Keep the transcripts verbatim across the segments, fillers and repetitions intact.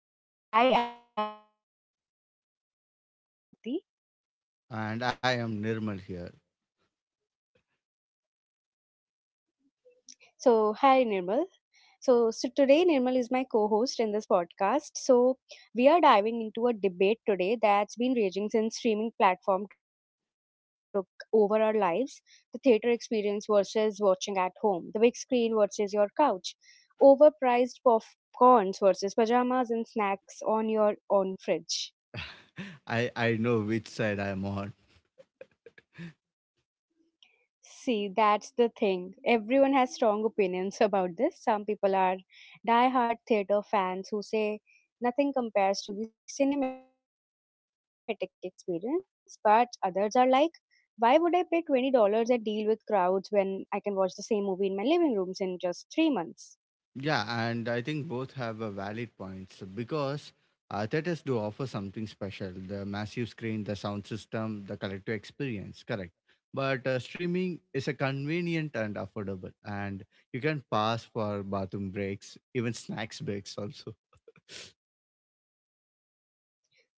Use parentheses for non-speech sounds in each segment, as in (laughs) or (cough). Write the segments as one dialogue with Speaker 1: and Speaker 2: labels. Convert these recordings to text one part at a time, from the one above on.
Speaker 1: Hello, everyone, and welcome back. I am Shruti.
Speaker 2: And I am Nirmal here.
Speaker 1: So, hi, Nirmal. So, so today, Nirmal is my co host in this podcast. So, we are diving into a debate today that's been raging since streaming platform took over our lives. The theater experience versus watching at home, the big screen versus your couch, overpriced popcorns versus pajamas and snacks on your own fridge.
Speaker 2: (laughs) I I know which side I'm on.
Speaker 1: See, that's the thing. Everyone has strong opinions (laughs) about this. Some people are die-hard theater fans who say nothing compares to the cinematic experience, but others are like, why would I pay twenty dollars and deal with crowds when I can watch the same movie in my living rooms in just three months?
Speaker 2: Yeah, and I think both have a valid points because uh, theaters do offer something special: the massive screen, the sound system, the collective experience. Correct. But uh, streaming is a convenient and affordable, and you can pass for bathroom breaks, even snacks breaks also.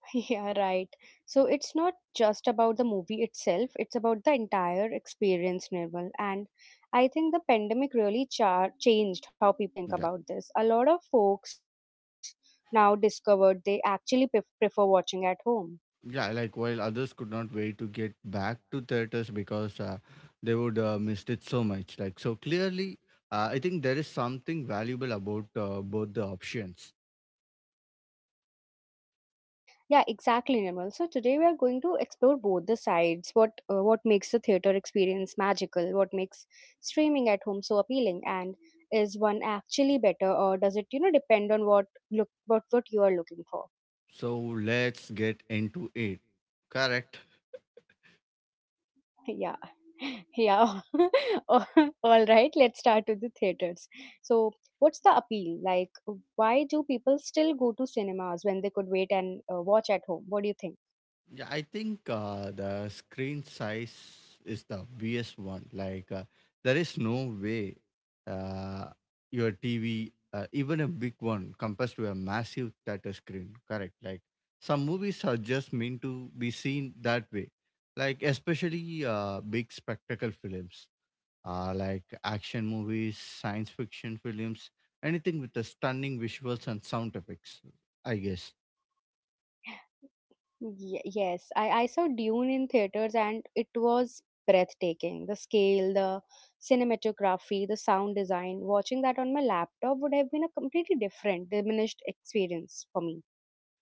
Speaker 1: (laughs) Yeah, right. So it's not just about the movie itself, it's about the entire experience, Nirmal. And I think the pandemic really char- changed how people think about this. A lot of folks now discovered they actually pref- prefer watching at home.
Speaker 2: Yeah, like while others could not wait to get back to theaters because uh, they would uh, missed it so much. Like so clearly, uh, I think there is something valuable about uh, both the options.
Speaker 1: Yeah, exactly, Nirmal. So today we are going to explore both the sides. What uh, what makes the theater experience magical? What makes streaming at home so appealing? And is one actually better, or does it you know depend on what look what what you are looking for?
Speaker 2: So let's get into it. Correct.
Speaker 1: Yeah. (laughs) Yeah. (laughs) All all right, let's start with the theaters. So, what's the appeal? Like, why do people still go to cinemas when they could wait and uh, watch at home? What do you think?
Speaker 2: Yeah, I think uh, the screen size is the obvious one. Like, uh, there is no way uh, your T V, uh, even a big one, compares to a massive theater screen. Correct. Like, some movies are just meant to be seen that way. Like, especially uh, big spectacle films, uh, like action movies, science fiction films, anything with the stunning visuals and sound effects, I guess.
Speaker 1: Ye- yes, I, I saw Dune in theaters and it was breathtaking. The scale, the cinematography, the sound design. Watching that on my laptop would have been a completely different, diminished experience for me.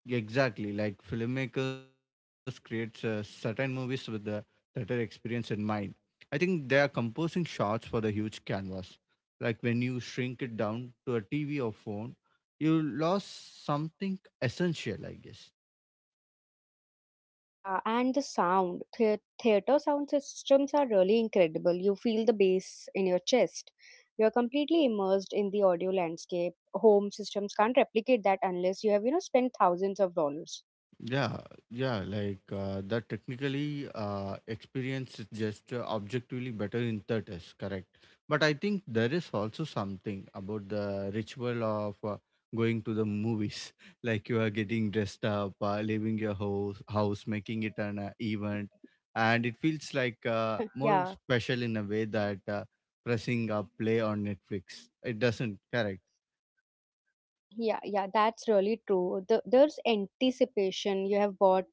Speaker 2: Exactly, like filmmakers creates uh, certain movies with the theater experience in mind. I think they are composing shots for the huge canvas. Like when you shrink it down to a T V or phone, you lost something essential, I guess.
Speaker 1: Yeah, and the sound, the theater sound systems are really incredible. You feel the bass in your chest. You're completely immersed in the audio landscape. Home systems can't replicate that unless you have, you know, spent thousands of dollars.
Speaker 2: Yeah, yeah, like uh, the technically uh, experience is just uh, objectively better in the test, correct? But I think there is also something about the ritual of uh, going to the movies, (laughs) like you are getting dressed up, uh, leaving your house, house, making it an uh, event, and it feels like uh,
Speaker 1: Yeah,
Speaker 2: more special in a way that uh, pressing a play on Netflix it doesn't, correct?
Speaker 1: yeah, yeah, that's really true. The, there's anticipation. You have bought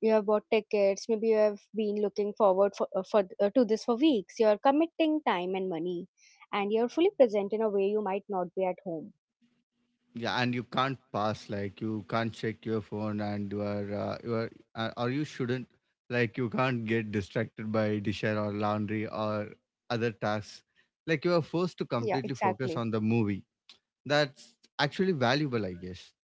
Speaker 1: you have bought tickets, maybe you have been looking forward for, uh, for uh, to this for weeks. You're committing time and money and you're fully present in a way you might not be at home.
Speaker 2: Yeah, and you can't pass. Like you can't check your phone, and you are uh, you are, uh, or you shouldn't. Like you can't get distracted by dishes or laundry or other tasks. Like you are forced to
Speaker 1: Yeah,
Speaker 2: completely focus
Speaker 1: exactly.
Speaker 2: on the movie. That's actually valuable, I guess.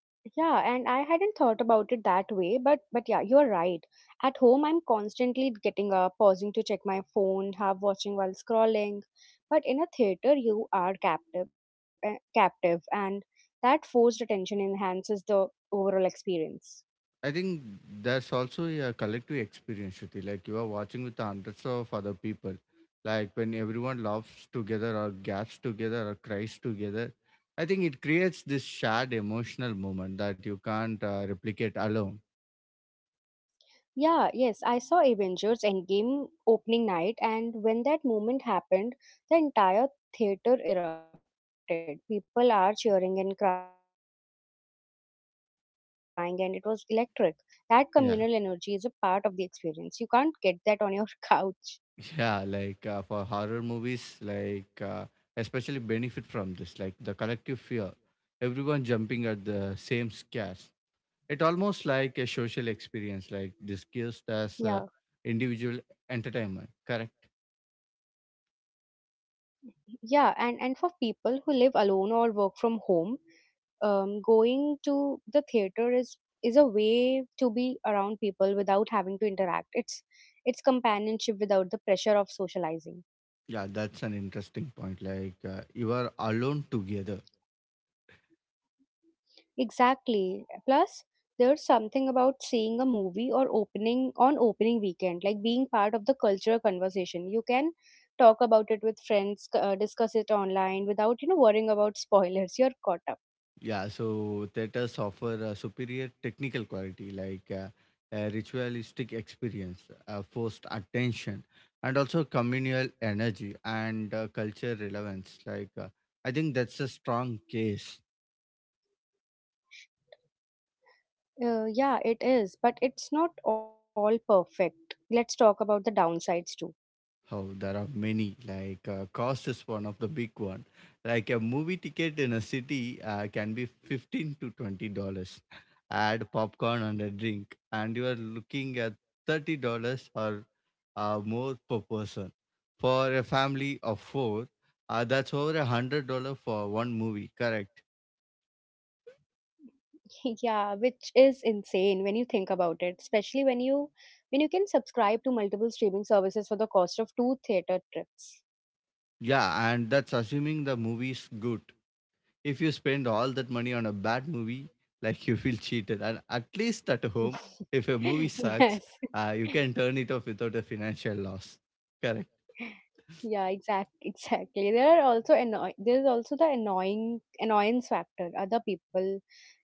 Speaker 1: Yeah, and I hadn't thought about it that way, but but yeah, you're right. At home, I'm constantly getting up, pausing to check my phone, half watching while scrolling. But in a theater, you are captive, eh, captive, and that forced attention enhances the overall experience.
Speaker 2: I think there's also a collective experience, Shruti. Like you are watching with hundreds of other people. Like when everyone laughs together or gaps together or cries together, I think it creates this shared emotional moment that you can't uh, replicate alone.
Speaker 1: Yeah, yes, I saw Avengers Endgame opening night, and when that moment happened, the entire theater erupted. People are cheering and crying, and it was electric. That communal energy is a part of the experience. You can't get that
Speaker 2: Yeah.
Speaker 1: on your (laughs) couch.
Speaker 2: Yeah. Like uh, for horror movies, like uh, especially benefit from this, like the collective fear, everyone jumping at the same scares. It almost like a social experience like
Speaker 1: Yeah,
Speaker 2: discussed as uh, individual entertainment, correct?
Speaker 1: yeah, and and for people who live alone or work from home, um, going to the theater is is a way to be around people without having to interact. It's it's companionship without the pressure of socializing.
Speaker 2: Yeah, that's an interesting point, like uh, you are alone together.
Speaker 1: Exactly. Plus, there's something about seeing a movie or opening on opening weekend, like being part of the cultural conversation. You can talk about it with friends, c- uh, discuss it online without, you know, worrying about spoilers. You're caught up.
Speaker 2: Yeah, so theaters offer a superior technical quality, like uh, a ritualistic experience, uh, forced attention, and also communal energy, and uh, culture relevance, like uh, I think that's a strong case.
Speaker 1: Uh, yeah, it is, but it's not all perfect. Let's talk about the downsides too.
Speaker 2: Oh, there are many. Like uh, cost is one of the big one. Like a movie ticket in a city uh, can be fifteen to twenty dollars. Add popcorn and a drink, and you are looking at thirty dollars or uh, more per person. For a family of four, uh, that's over a hundred dollar for one movie. Correct?
Speaker 1: (laughs) Yeah, which is insane when you think about it, especially when you when you can subscribe to multiple streaming services for the cost of two theater trips.
Speaker 2: Yeah, and that's assuming the movie is good. If you spend all that money on a bad movie, like you feel cheated. And at least at home,
Speaker 1: (laughs)
Speaker 2: if a movie sucks,
Speaker 1: Yes.
Speaker 2: uh, you can turn it off without a financial loss. Correct.
Speaker 1: Yeah, exact, exactly. There are also annoy there is also the annoying annoyance factor. Other people,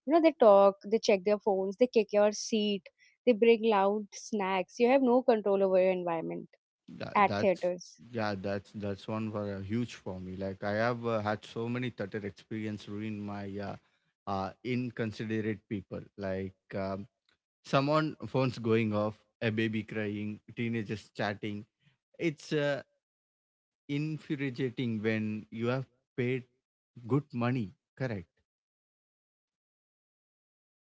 Speaker 1: you know, they talk, they check their phones, they kick your seat, they bring loud snacks. You have no control over your environment
Speaker 2: That,
Speaker 1: at
Speaker 2: that's
Speaker 1: theaters.
Speaker 2: yeah, that's that's one for a huge for me. Like I have uh, had so many theater experience ruin my uh, uh, inconsiderate people. Like um, someone phones going off, a baby crying, teenagers chatting. It's uh, infuriating when you have paid good money, correct?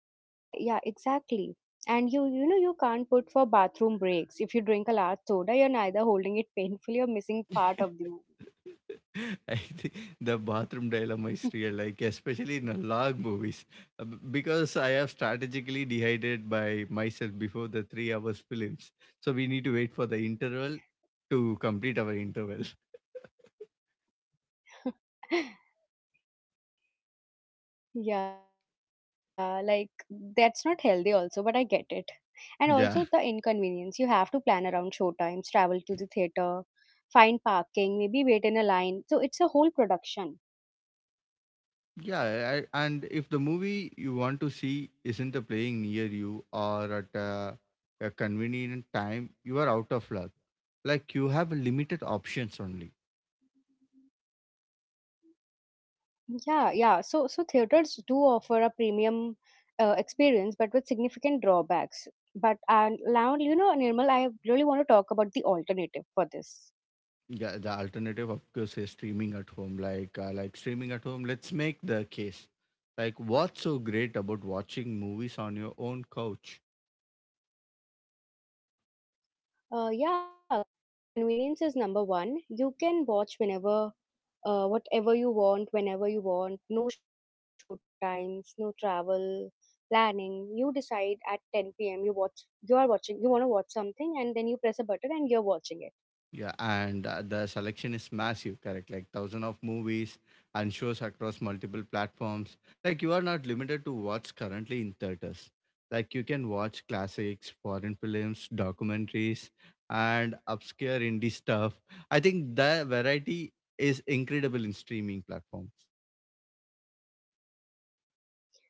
Speaker 1: Mm, yeah, yeah, exactly. And you, you know, you can't put for bathroom breaks. If you drink a large soda, you're neither holding it painfully or missing part of the movie.
Speaker 2: I think the bathroom dilemma is real, like especially in a long movies. Uh, b- because I have strategically dehydrated by myself before the three hours films. So we need to wait for the interval to complete our interval. (laughs)
Speaker 1: (laughs) Yeah, like that's not healthy also, but I get it. And
Speaker 2: Yeah,
Speaker 1: also the inconvenience. You have to plan around show times, travel to the theater, find parking, maybe wait in a line. So it's a whole production.
Speaker 2: yeah, I, and if the movie you want to see isn't playing near you or at a, a convenient time, you are out of luck. Like you have limited options only.
Speaker 1: Yeah, yeah. So so theaters do offer a premium uh, experience, but with significant drawbacks. But uh, now you know, Nirmal, I really want to talk about the alternative for this.
Speaker 2: Yeah, the alternative, of course, is streaming at home. Like, uh, like streaming at home. Let's make the case. Like, what's so great about watching movies on your own couch?
Speaker 1: Uh, yeah, convenience is number one. You can watch whenever, uh, whatever you want, whenever you want. No show times, no travel planning. You decide at ten p m. You watch. You are watching. You want to watch something, and then you press a button, and you're watching it.
Speaker 2: Yeah, and uh, the selection is massive. Correct, like thousand of movies and shows across multiple platforms. Like, you are not limited to what's currently in theaters. Like, you can watch classics, foreign films, documentaries, and obscure indie stuff. I think the variety is incredible in streaming platforms.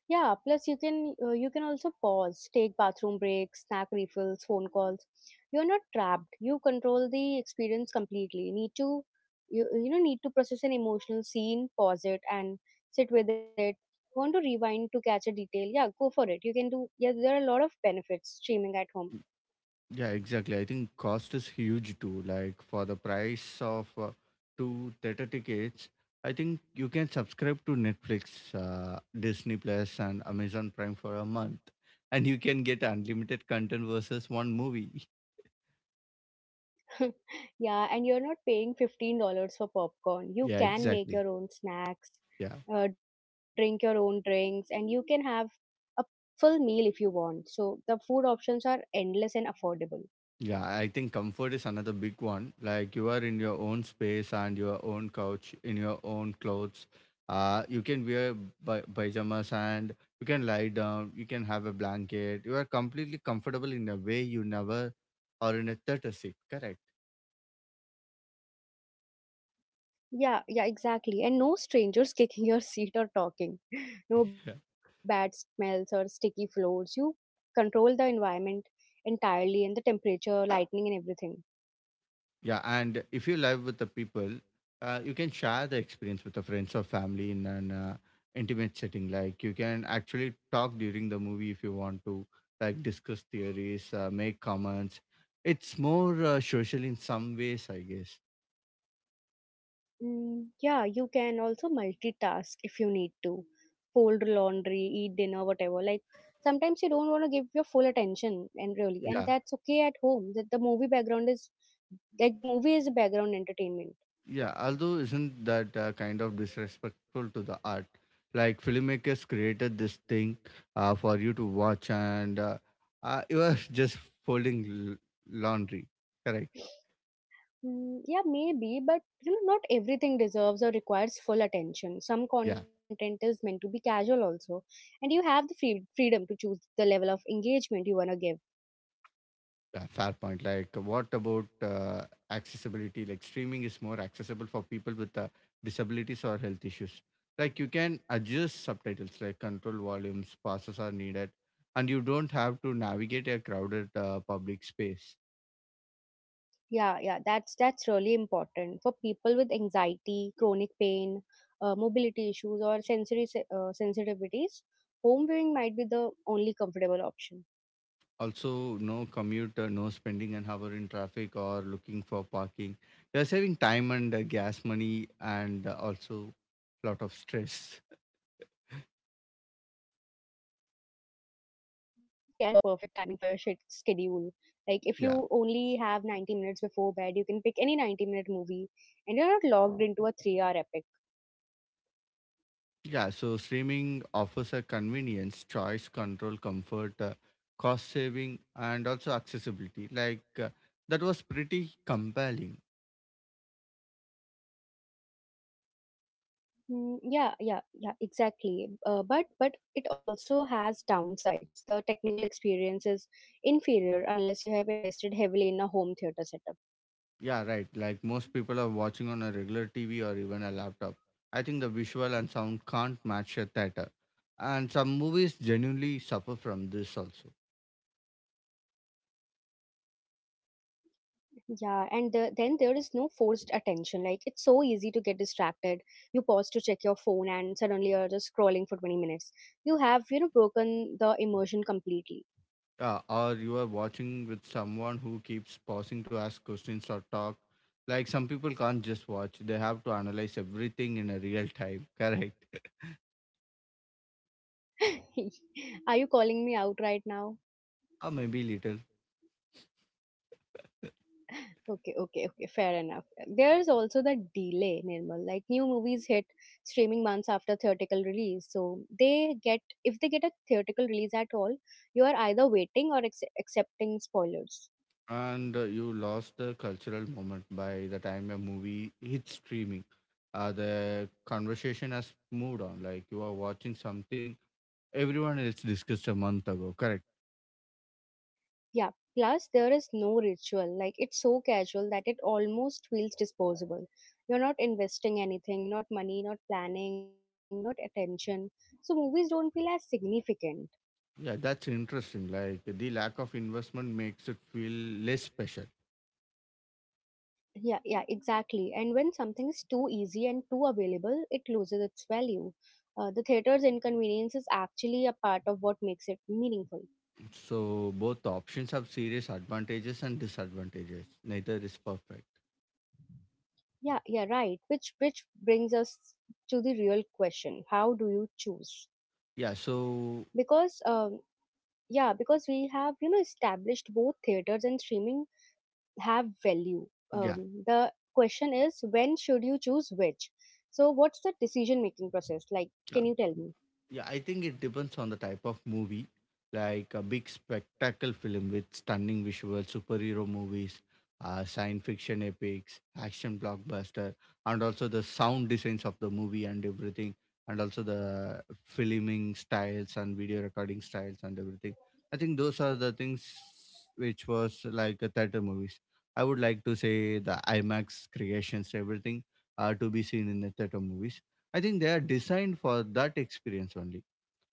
Speaker 1: Yeah, plus you can uh, you can also pause, take bathroom breaks, snack refills, phone calls. You're not trapped. You control the experience completely. Need to you you know need to process an emotional scene, pause it and sit with it. Want to rewind to catch a detail? Yeah, go for it. You can do. Yeah, there are a lot of benefits streaming at home.
Speaker 2: Yeah, exactly. I think cost is huge too. Like for the price of uh, two theater tickets, I think you can subscribe to Netflix, uh, Disney Plus, and Amazon Prime for a month, and you can get unlimited content versus one movie. (laughs)
Speaker 1: (laughs) Yeah, and you're not paying fifteen dollars for
Speaker 2: Yeah,
Speaker 1: popcorn. You can
Speaker 2: exactly.
Speaker 1: make your own snacks,
Speaker 2: Yeah.
Speaker 1: uh, drink your own drinks, and you can have a full meal if you want. So the food options are endless and affordable.
Speaker 2: Yeah, I think comfort is another big one. Like you are in your own space and your own couch, in your own clothes. Uh, you can wear pi- pajamas and you can lie down. You can have a blanket. You are completely comfortable in a way you never or in a theater seat. Correct.
Speaker 1: Yeah, yeah, exactly. And no strangers (laughs) kicking your seat or talking. (laughs) No bad smells or sticky floors. You control the environment entirely and the temperature, lighting, and everything.
Speaker 2: Yeah, and if you live with the people, uh, you can share the experience with the friends or family in an uh, intimate setting. Like you can actually talk during the movie if you want to, like discuss theories, uh, make comments. It's more uh, social in some ways, I guess.
Speaker 1: Mm, yeah, you can also multitask if you need to. Fold laundry, eat dinner, whatever. Like sometimes you don't want to give your full attention and really and
Speaker 2: Yeah,
Speaker 1: that's okay at home. That the movie background is like movie is background entertainment.
Speaker 2: yeah. Although isn't that uh, kind of disrespectful to the art? Like filmmakers created this thing uh, for you to watch, and uh, uh, you are (laughs) just folding l- laundry. Correct.
Speaker 1: Mm, yeah, maybe, but you know, not everything deserves or requires full attention. Some
Speaker 2: Yeah.
Speaker 1: content is meant to be casual also, and you have the free freedom to choose the level of engagement you wanna give.
Speaker 2: Yeah, fair point. Like, what about uh, accessibility? Like, streaming is more accessible for people with uh, disabilities or health issues. Like, you can adjust subtitles, like control volumes, pauses are needed, and you don't have to navigate a crowded uh, public space.
Speaker 1: Yeah, yeah, that's that's really important for people with anxiety, chronic pain, uh, mobility issues, or sensory se- uh, sensitivities. Home viewing might be the only comfortable option.
Speaker 2: Also, no commute, uh, no spending an hour in traffic or looking for parking. You're saving time and uh, gas money, and uh, also lot of stress.
Speaker 1: (laughs) Yeah, and you can watch the perfect timing for your shit schedule. Like if you only have ninety
Speaker 2: (laughs) Yeah.
Speaker 1: minutes before bed, you can pick any ninety minute movie, and you're not logged into a three hour epic.
Speaker 2: Yeah, so streaming offers a convenience, choice, control, comfort, uh, cost saving, and also accessibility. Like uh, that was pretty compelling.
Speaker 1: Mm, yeah, yeah, yeah, exactly. Uh, but but it also has downsides. The technical experience is inferior unless you have invested heavily in a home theater setup.
Speaker 2: Yeah, right. Like most people are watching on a regular T V or even a laptop. I think the visual and sound can't match a theater, and some movies genuinely suffer from this also.
Speaker 1: Yeah, and the, then there is no forced attention. Like it's so easy to get distracted. You pause to check your phone, and suddenly you're just scrolling for twenty minutes. You have you know broken the immersion completely.
Speaker 2: Yeah, or you are watching with someone who keeps pausing to ask questions or talk. Like some people can't just watch, they have to analyze everything in a real time, (laughs) correct?
Speaker 1: (laughs) Are you calling me out right now?
Speaker 2: Or maybe little.
Speaker 1: Okay, okay, okay, fair enough. There is also the delay, Nirmal. Like new movies hit streaming months after theatrical release. So they get, if they get a theatrical release at all, you are either waiting or ex- accepting spoilers.
Speaker 2: And uh, you lost the cultural moment by the time a movie hits streaming. Uh, the conversation has moved on. Like you are watching something everyone else discussed a month ago, correct?
Speaker 1: Yeah. Plus, there is no ritual. Like it's so casual that it almost feels disposable. You're not investing anything, not money, not planning, not attention. So movies don't feel as significant.
Speaker 2: Yeah, that's interesting. Like the lack of investment makes it feel less special.
Speaker 1: Yeah, yeah, exactly. And when something is too easy and too available, it loses its value. Uh, the theater's inconvenience is actually a part of what makes it meaningful.
Speaker 2: So both options have serious advantages and disadvantages. Neither is perfect.
Speaker 1: Yeah, yeah, right. Which which brings us to the real question: how do you choose?
Speaker 2: Yeah. So
Speaker 1: Because um, yeah, because we have you know established both theaters and streaming have value.
Speaker 2: yeah.
Speaker 1: Um, the question is when should you choose which? So what's the decision making process like? Can you tell me?
Speaker 2: Yeah, I think it depends on the type of movie. Like a big spectacle film with stunning visuals, superhero movies, uh, science fiction epics, action blockbuster, and also the sound designs of the movie and everything, and also the filming styles and video recording styles and everything. I think those are the things which was like a theater movies. I would like to say the IMAX creations, everything, uh, to be seen in the theater movies. I think they are designed for that experience only.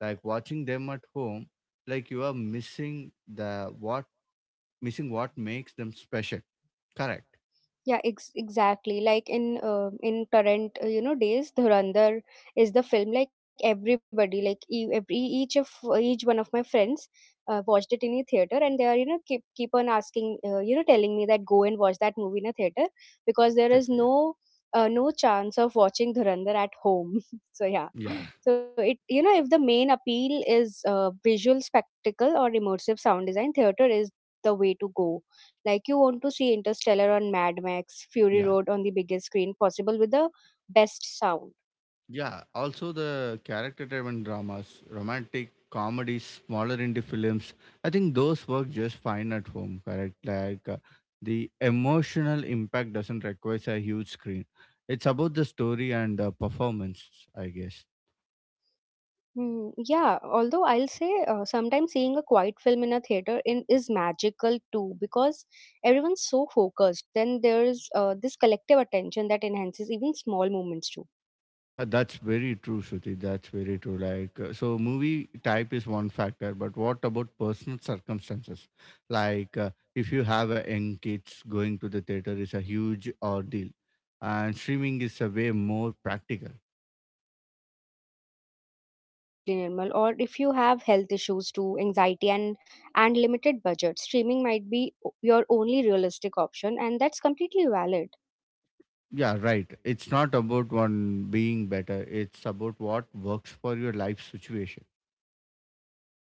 Speaker 2: Like watching them at home, like you are missing the what missing what makes them special. Correct.
Speaker 1: Yeah, ex- exactly. Like in uh, in current uh, you know days, Dhurandhar is the film. Like everybody, like e- every each of each one of my friends uh, watched it in a theater, and they are you know keep keep on asking uh, you know telling me that go and watch that movie in a theater
Speaker 2: Theater,
Speaker 1: because
Speaker 2: yeah.
Speaker 1: there is no uh, no chance of watching Dhurandhar at home. (laughs) So yeah,
Speaker 2: Yeah.
Speaker 1: so it you know if the main appeal is uh, visual spectacle or immersive sound design, theater is the way to go. Like you want to see Interstellar on Mad Max, Fury
Speaker 2: Yeah.
Speaker 1: Road on the biggest screen possible with the best sound.
Speaker 2: Yeah. Also the character driven dramas, romantic comedies, smaller indie films. I think those work just fine at home, correct? Like uh, the emotional impact doesn't require a huge screen. It's about the story and the performance, I guess.
Speaker 1: Hmm, yeah, although I'll say uh, sometimes seeing a quiet film in a theater in, is magical too because everyone's so focused. Then there's uh, this collective attention that enhances even small moments too.
Speaker 2: Uh, that's very true, Shruti. That's very true. Like, uh, so movie type is one factor, but what about personal circumstances? Like, uh, if you have a young kids, going to the theater is a huge ordeal, and streaming is a way more practical.
Speaker 1: Yeah, yeah, absolutely normal. Or if you have health issues too, anxiety and and limited budget, streaming might be o- your only realistic option, and that's completely valid.
Speaker 2: Yeah, right. It's not about one being better. It's about what works for your life situation.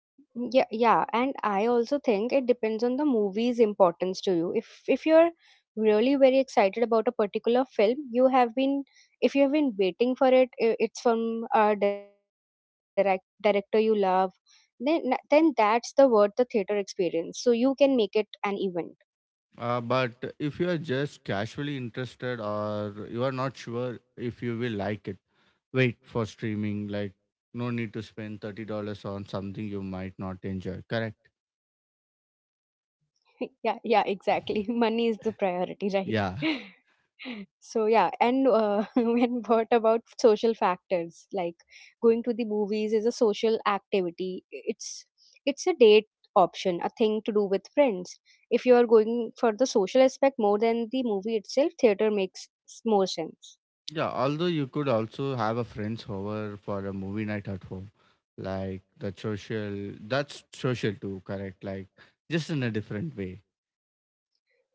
Speaker 1: Mhm. Yeah, yeah, and I also think it depends on the movie's importance to you. If if you're really very excited about a particular film, you have been if you have been waiting for it, i- it's from a direct director you love, then then that's the worth the theater experience. So you can make it an event.
Speaker 2: Uh, but if you are just casually interested or you are not sure if you will like it, wait for streaming, like no need to spend thirty dollars on something you might not enjoy, correct?
Speaker 1: (laughs) Yeah, yeah, exactly. (laughs) Money is the priority, right?
Speaker 2: Yeah,
Speaker 1: (laughs) So yeah, and uh, (laughs) when what about social factors? Like going to the movies is a social activity. It's it's a date option, a thing to do with friends. If you are going for the social aspect more than the movie itself, theater makes s- more sense.
Speaker 2: yeah, although you could also have a friends over for a movie night at home, like the social, that's social too, correct? Like just in a different way.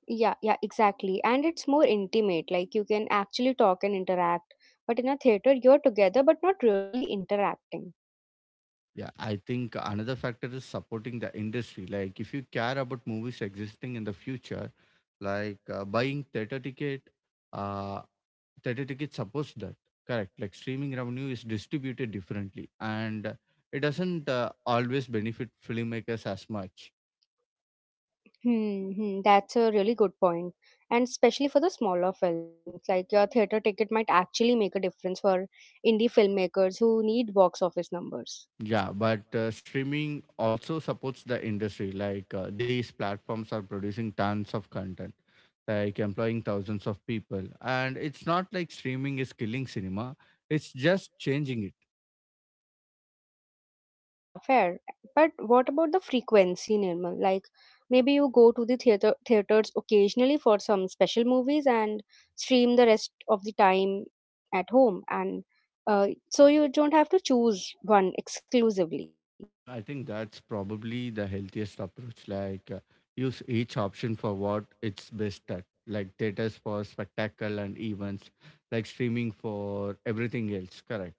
Speaker 1: Yeah, yeah, exactly. And it's more intimate. Like you can actually talk and interact. But in a theater, you're together but not really interacting.
Speaker 2: Yeah, I think another factor is supporting the industry. Like if you care about movies existing in the future, like uh, buying theater ticket, uh, Theater tickets supports that. Correct. Like streaming revenue is distributed differently, and it doesn't uh, always benefit filmmakers as much.
Speaker 1: Hmm, hmm, that's a really good point. And especially for the smaller films, like your theater ticket might actually make a difference for indie filmmakers who need box office numbers.
Speaker 2: Yeah, but uh, streaming also supports the industry. Like uh, these platforms are producing tons of content, like employing thousands of people, and it's not like streaming is killing cinema. It's just changing it.
Speaker 1: Hmm, yeah, fair. But what about the frequency, Nirmal? Like maybe you go to the theater theaters occasionally for some special movies and stream the rest of the time at home, and uh, so you don't have to choose one exclusively.
Speaker 2: I think that's probably the healthiest approach. Like, uh, use each option for what it's best at. Like, theaters for spectacle and events, like streaming for everything else. Correct.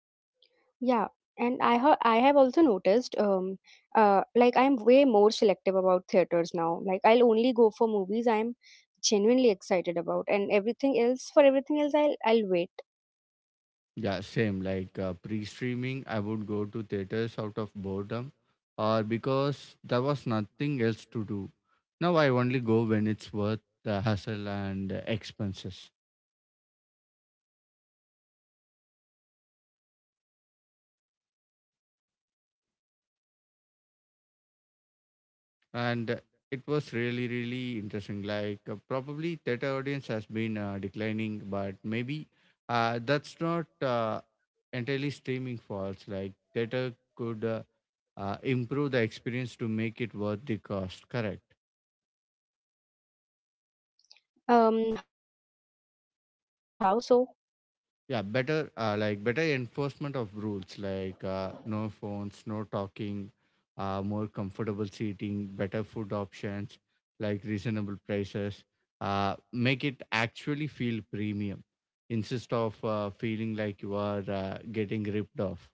Speaker 1: Yeah, and I have I have also noticed um uh like I'm way more selective about theaters now. Like I'll only go for movies I'm genuinely excited about and everything else for everything else I'll I'll wait.
Speaker 2: Yeah, same. Like, uh, pre streaming, I would go to theaters out of boredom or because there was nothing else to do. Now I only go when it's worth the hassle and uh, expenses.
Speaker 1: Yeah, exactly. So do you think that that's good or bad? Like our theaters are losing out because we are more selective.
Speaker 2: And it was really really interesting. Like uh, probably theater audience has been uh, declining, but maybe uh, that's not uh, entirely streaming faults. Like theater could uh, uh, improve the experience to make it worth the cost. Correct.
Speaker 1: Um, how so?
Speaker 2: Yeah, better uh, like better enforcement of rules, like uh, no phones, no talking, uh, more comfortable seating, better food options, like reasonable prices. Uh, make it actually feel premium instead of uh, feeling like you are uh, getting ripped off.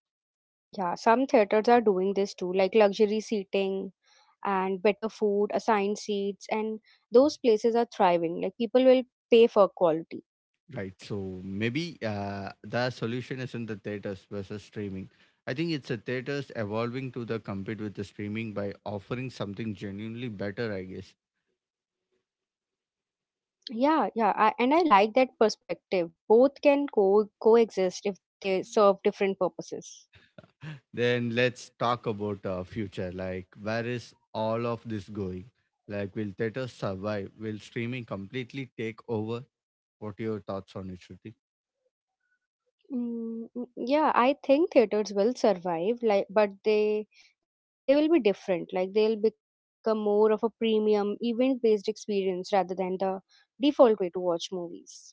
Speaker 1: Hmm, yeah, yeah. Some theaters are doing this too, like luxury seating and better food, assigned seats, and those places are thriving. Like people will pay for quality.
Speaker 2: Right. So maybe uh, the solution is in the theaters versus streaming. I think it's the theaters evolving to the compete with the streaming by offering something genuinely better, I guess.
Speaker 1: Yeah, yeah, I, and I like that perspective. Both can co coexist if they serve different purposes.
Speaker 2: Then let's talk about uh, future. Like, where is all of this going? Like, will theaters survive? Will streaming completely take over? What are your thoughts on it, Shruti?
Speaker 1: Mm, mm, yeah, I think theaters will survive, like, but they they will be different. Like they'll become more of a premium event-based experience rather than the default way to watch movies.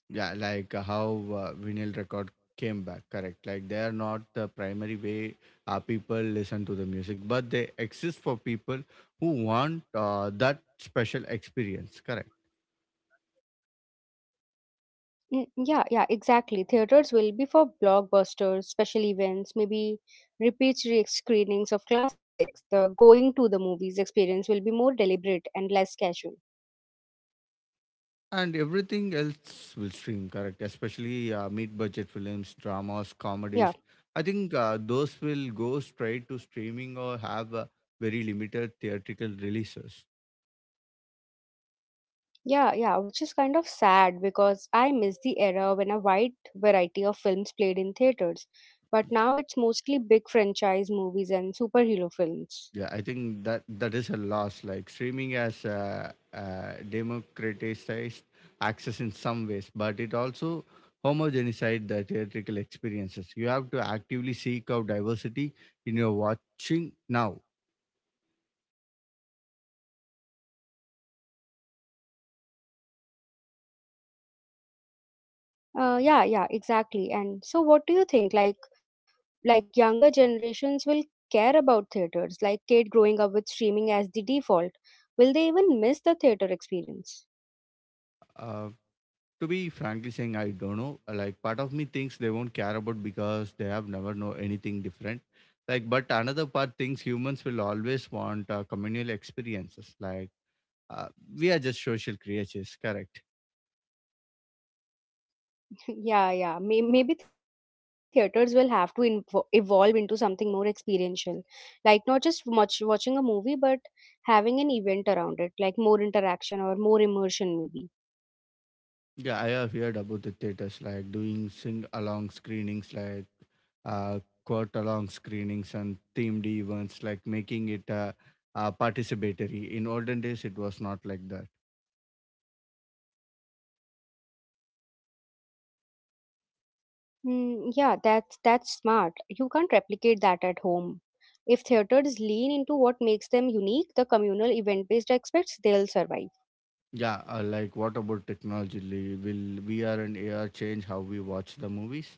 Speaker 2: Yeah, like uh, how uh, vinyl record came back, correct? Like, they are not the primary way uh, people listen to the music, but they exist for people who want uh, that special experience, correct?
Speaker 1: Mm, yeah, yeah, exactly. Theaters will be for blockbusters, special events, maybe repeat re- screenings of classics. The going to the movies experience will be more deliberate and less casual.
Speaker 2: And everything else will stream, correct? Especially uh, mid budget films, dramas,
Speaker 1: Yeah,
Speaker 2: comedies. I think uh, those will go straight to streaming or have uh, very limited theatrical releases.
Speaker 1: yeah, yeah, which is kind of sad because I miss the era when a wide variety of films played in theaters. But now it's mostly big franchise movies and superhero films.
Speaker 2: Yeah, I think that that is a loss. Like streaming has uh, uh, democratized access in some ways, but it also homogenized the theatrical experiences. You have to actively seek out diversity in your watching now.
Speaker 1: Uh, yeah, yeah, exactly. And so, what do you think? Like, like younger generations will care about theaters, like kid growing up with streaming as the default, will they even miss the theater experience?
Speaker 2: Uh, To be frankly saying, I don't know. Like part of me thinks they won't care about because they have never know anything different. Like, but another part thinks humans will always want uh, communal experiences. Like uh, we are just social creatures, correct?
Speaker 1: (laughs) Yeah, yeah, May- maybe theaters will have to invo- evolve into something more experiential, like not just much watching a movie but having an event around it, like more interaction or more immersion maybe.
Speaker 2: Yeah, I have heard about the theaters like doing sing along screenings, like uh, quote along screenings and themed events, like making it uh, uh, participatory. In olden days, it was not like that.
Speaker 1: Mm, yeah, that's that's smart. You can't replicate that at home. If theaters lean into what makes them unique, the communal event based aspects, they'll survive.
Speaker 2: Yeah, uh, like what about technology? Li- Will V R and A R change how we watch the movies?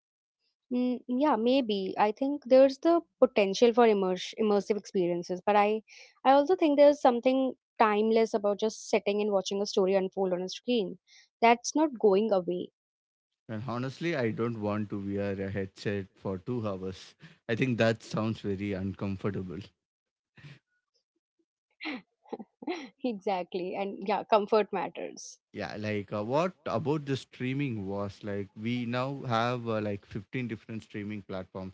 Speaker 1: Mm, yeah, maybe. I think there's the potential for immerse, immersive experiences, but I, I also think there's something timeless about just sitting and watching a story unfold on a screen. That's not going away.
Speaker 2: And honestly, I don't want to wear a headset for two hours. I think that sounds very uncomfortable.
Speaker 1: (laughs) Exactly. And yeah, comfort matters.
Speaker 2: Yeah, like uh, what about the streaming was? Like we now have uh, like fifteen different streaming platforms.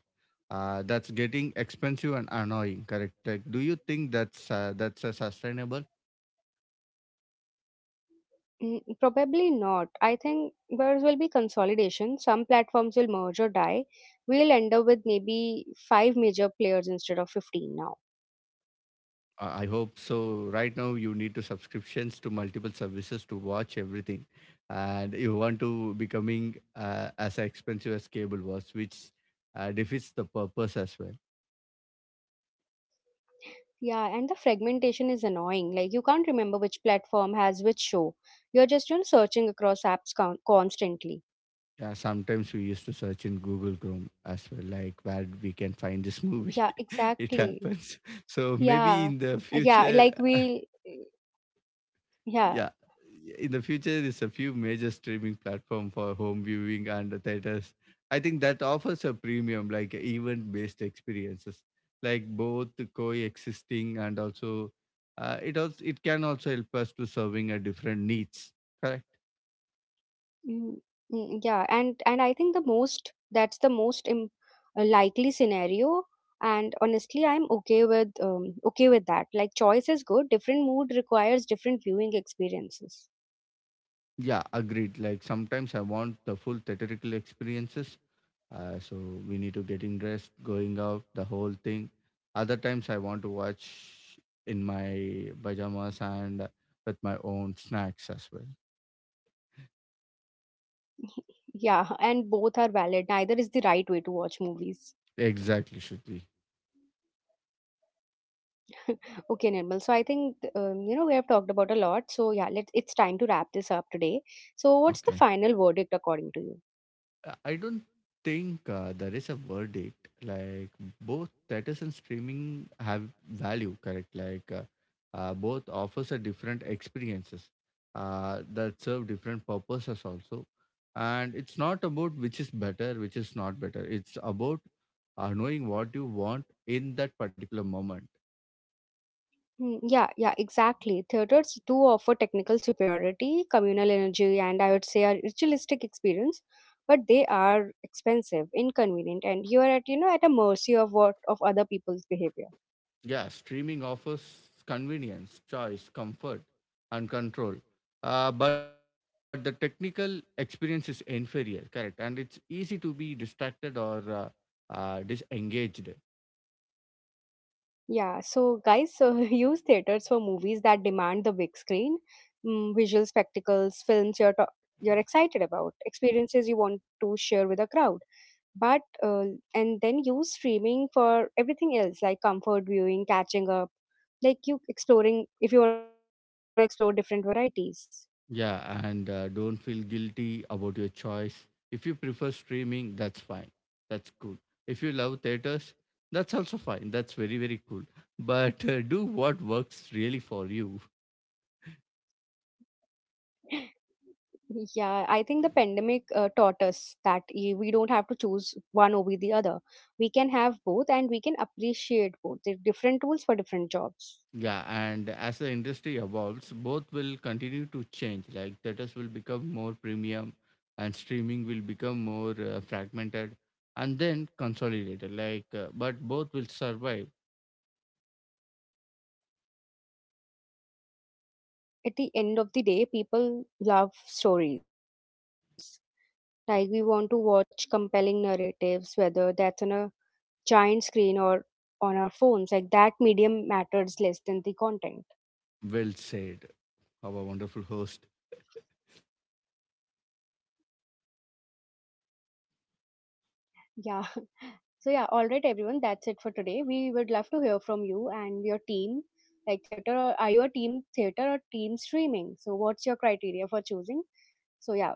Speaker 2: Uh, that's getting expensive and annoying. Correct? Like, do you think that's uh, that's uh, sustainable?
Speaker 1: Mm, probably not. I think there will be consolidation. Some platforms will merge or die. We'll end up with maybe five major players instead of fifteen now.
Speaker 2: I I hope so. Right now, you need to subscriptions to multiple services to watch everything, and you want to becoming uh, as expensive as cable was, which uh, defeats the purpose as well.
Speaker 1: Yeah, and the fragmentation is annoying. Like, you can't remember which platform has which show. You're just, you know, searching across apps con- constantly.
Speaker 2: Yeah, sometimes we used to search in Google Chrome as well, like where we can find this movie.
Speaker 1: Yeah,
Speaker 2: (laughs) It
Speaker 1: exactly.
Speaker 2: happens. So maybe in
Speaker 1: Yeah,
Speaker 2: the future,
Speaker 1: yeah. Like
Speaker 2: (laughs)
Speaker 1: we,
Speaker 2: yeah.
Speaker 1: yeah.
Speaker 2: In the future, there's a few major streaming platform for home viewing and the theaters. I think that offers a premium, like event-based experiences, like both coexisting and also uh, it also it can also help us to serving a different needs. Correct.
Speaker 1: Mm, mm, yeah. And and I think the most that's the most im- uh, likely scenario. And honestly, I'm okay with um, okay with that. Like, choice is good. Different mood requires different viewing experiences.
Speaker 2: Yeah, agreed. Like sometimes I want the full theatrical experiences, uh, so we need to getting dressed going out the whole thing. Other times I want to watch in my pajamas and with my own snacks as well.
Speaker 1: Yeah, and both are valid. Neither is the right way to watch movies.
Speaker 2: Exactly should.
Speaker 1: Okay, Nirmal. So I think um, you know, we have talked about a lot. So yeah, let's. it's time to wrap this up today. So what's the final
Speaker 2: Okay,
Speaker 1: verdict according to you?
Speaker 2: I I don't think uh, there is a verdict. Like both theaters and streaming have value, correct? Like uh, uh, both offers a different experiences uh, that serve different purposes also. And it's not about which is better, which is not better. It's about uh, knowing what you want in that particular moment.
Speaker 1: Hmm, yeah, yeah, exactly. Theaters do offer technical superiority, communal energy, and I would say a ritualistic experience, but they are expensive, inconvenient, and you are at, you know, at a mercy of what of other people's behavior.
Speaker 2: Yeah, streaming offers convenience, choice, comfort, and control. Uh, but the technical experience is inferior, correct? And it's easy to be distracted or uh, uh, disengaged.
Speaker 1: Yeah, so guys uh, (laughs) use theaters for movies that demand the big screen, mm, visual spectacles, films you're to- you're excited about, experiences you want to share with a crowd. But uh, and then use streaming for everything else, like comfort viewing, catching up, like you exploring if you want to explore different varieties.
Speaker 2: Yeah, and uh, don't feel guilty about your choice. If you prefer streaming, that's fine. That's cool. If you love theaters, that's also fine. That's very, very cool. But uh, do what works really for you.
Speaker 1: Yeah, I think the pandemic uh, taught us that y- we don't have to choose one over the other. We can have both and we can appreciate both. There are different tools for different jobs.
Speaker 2: Yeah, and as the industry evolves, both will continue to change. Like theaters will become more premium, and streaming will become more uh, fragmented, and then consolidated. Like, uh, but both will survive.
Speaker 1: Mm, yeah, because at the end of the day, people love stories. Like we want to watch compelling narratives, whether that's on a giant screen or on our phones. Like that medium matters less than the content.
Speaker 2: Well said, our wonderful host.
Speaker 1: Yeah. So yeah, all right, everyone. That's it for today. We would love to hear from you and your team. Like theater, or, are you a team theater or team streaming? So what's your criteria for choosing? So yeah,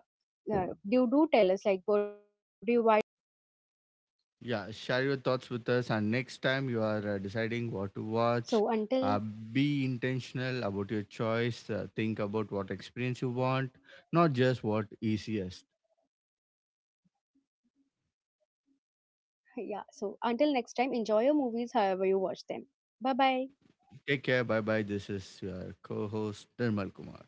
Speaker 1: uh, you do tell us, like what do you, why do you think the future holds?
Speaker 2: Yeah, share your thoughts with us, and next time you are uh, deciding what to
Speaker 1: So
Speaker 2: watch,
Speaker 1: until
Speaker 2: uh, be intentional about your choice. Uh, think about what experience you want, not just what is easiest.
Speaker 1: yeah, so until next time, enjoy your movies however you watch them. Bye bye.
Speaker 2: Take care. Bye bye. This is your co host, Nirmal Kumar.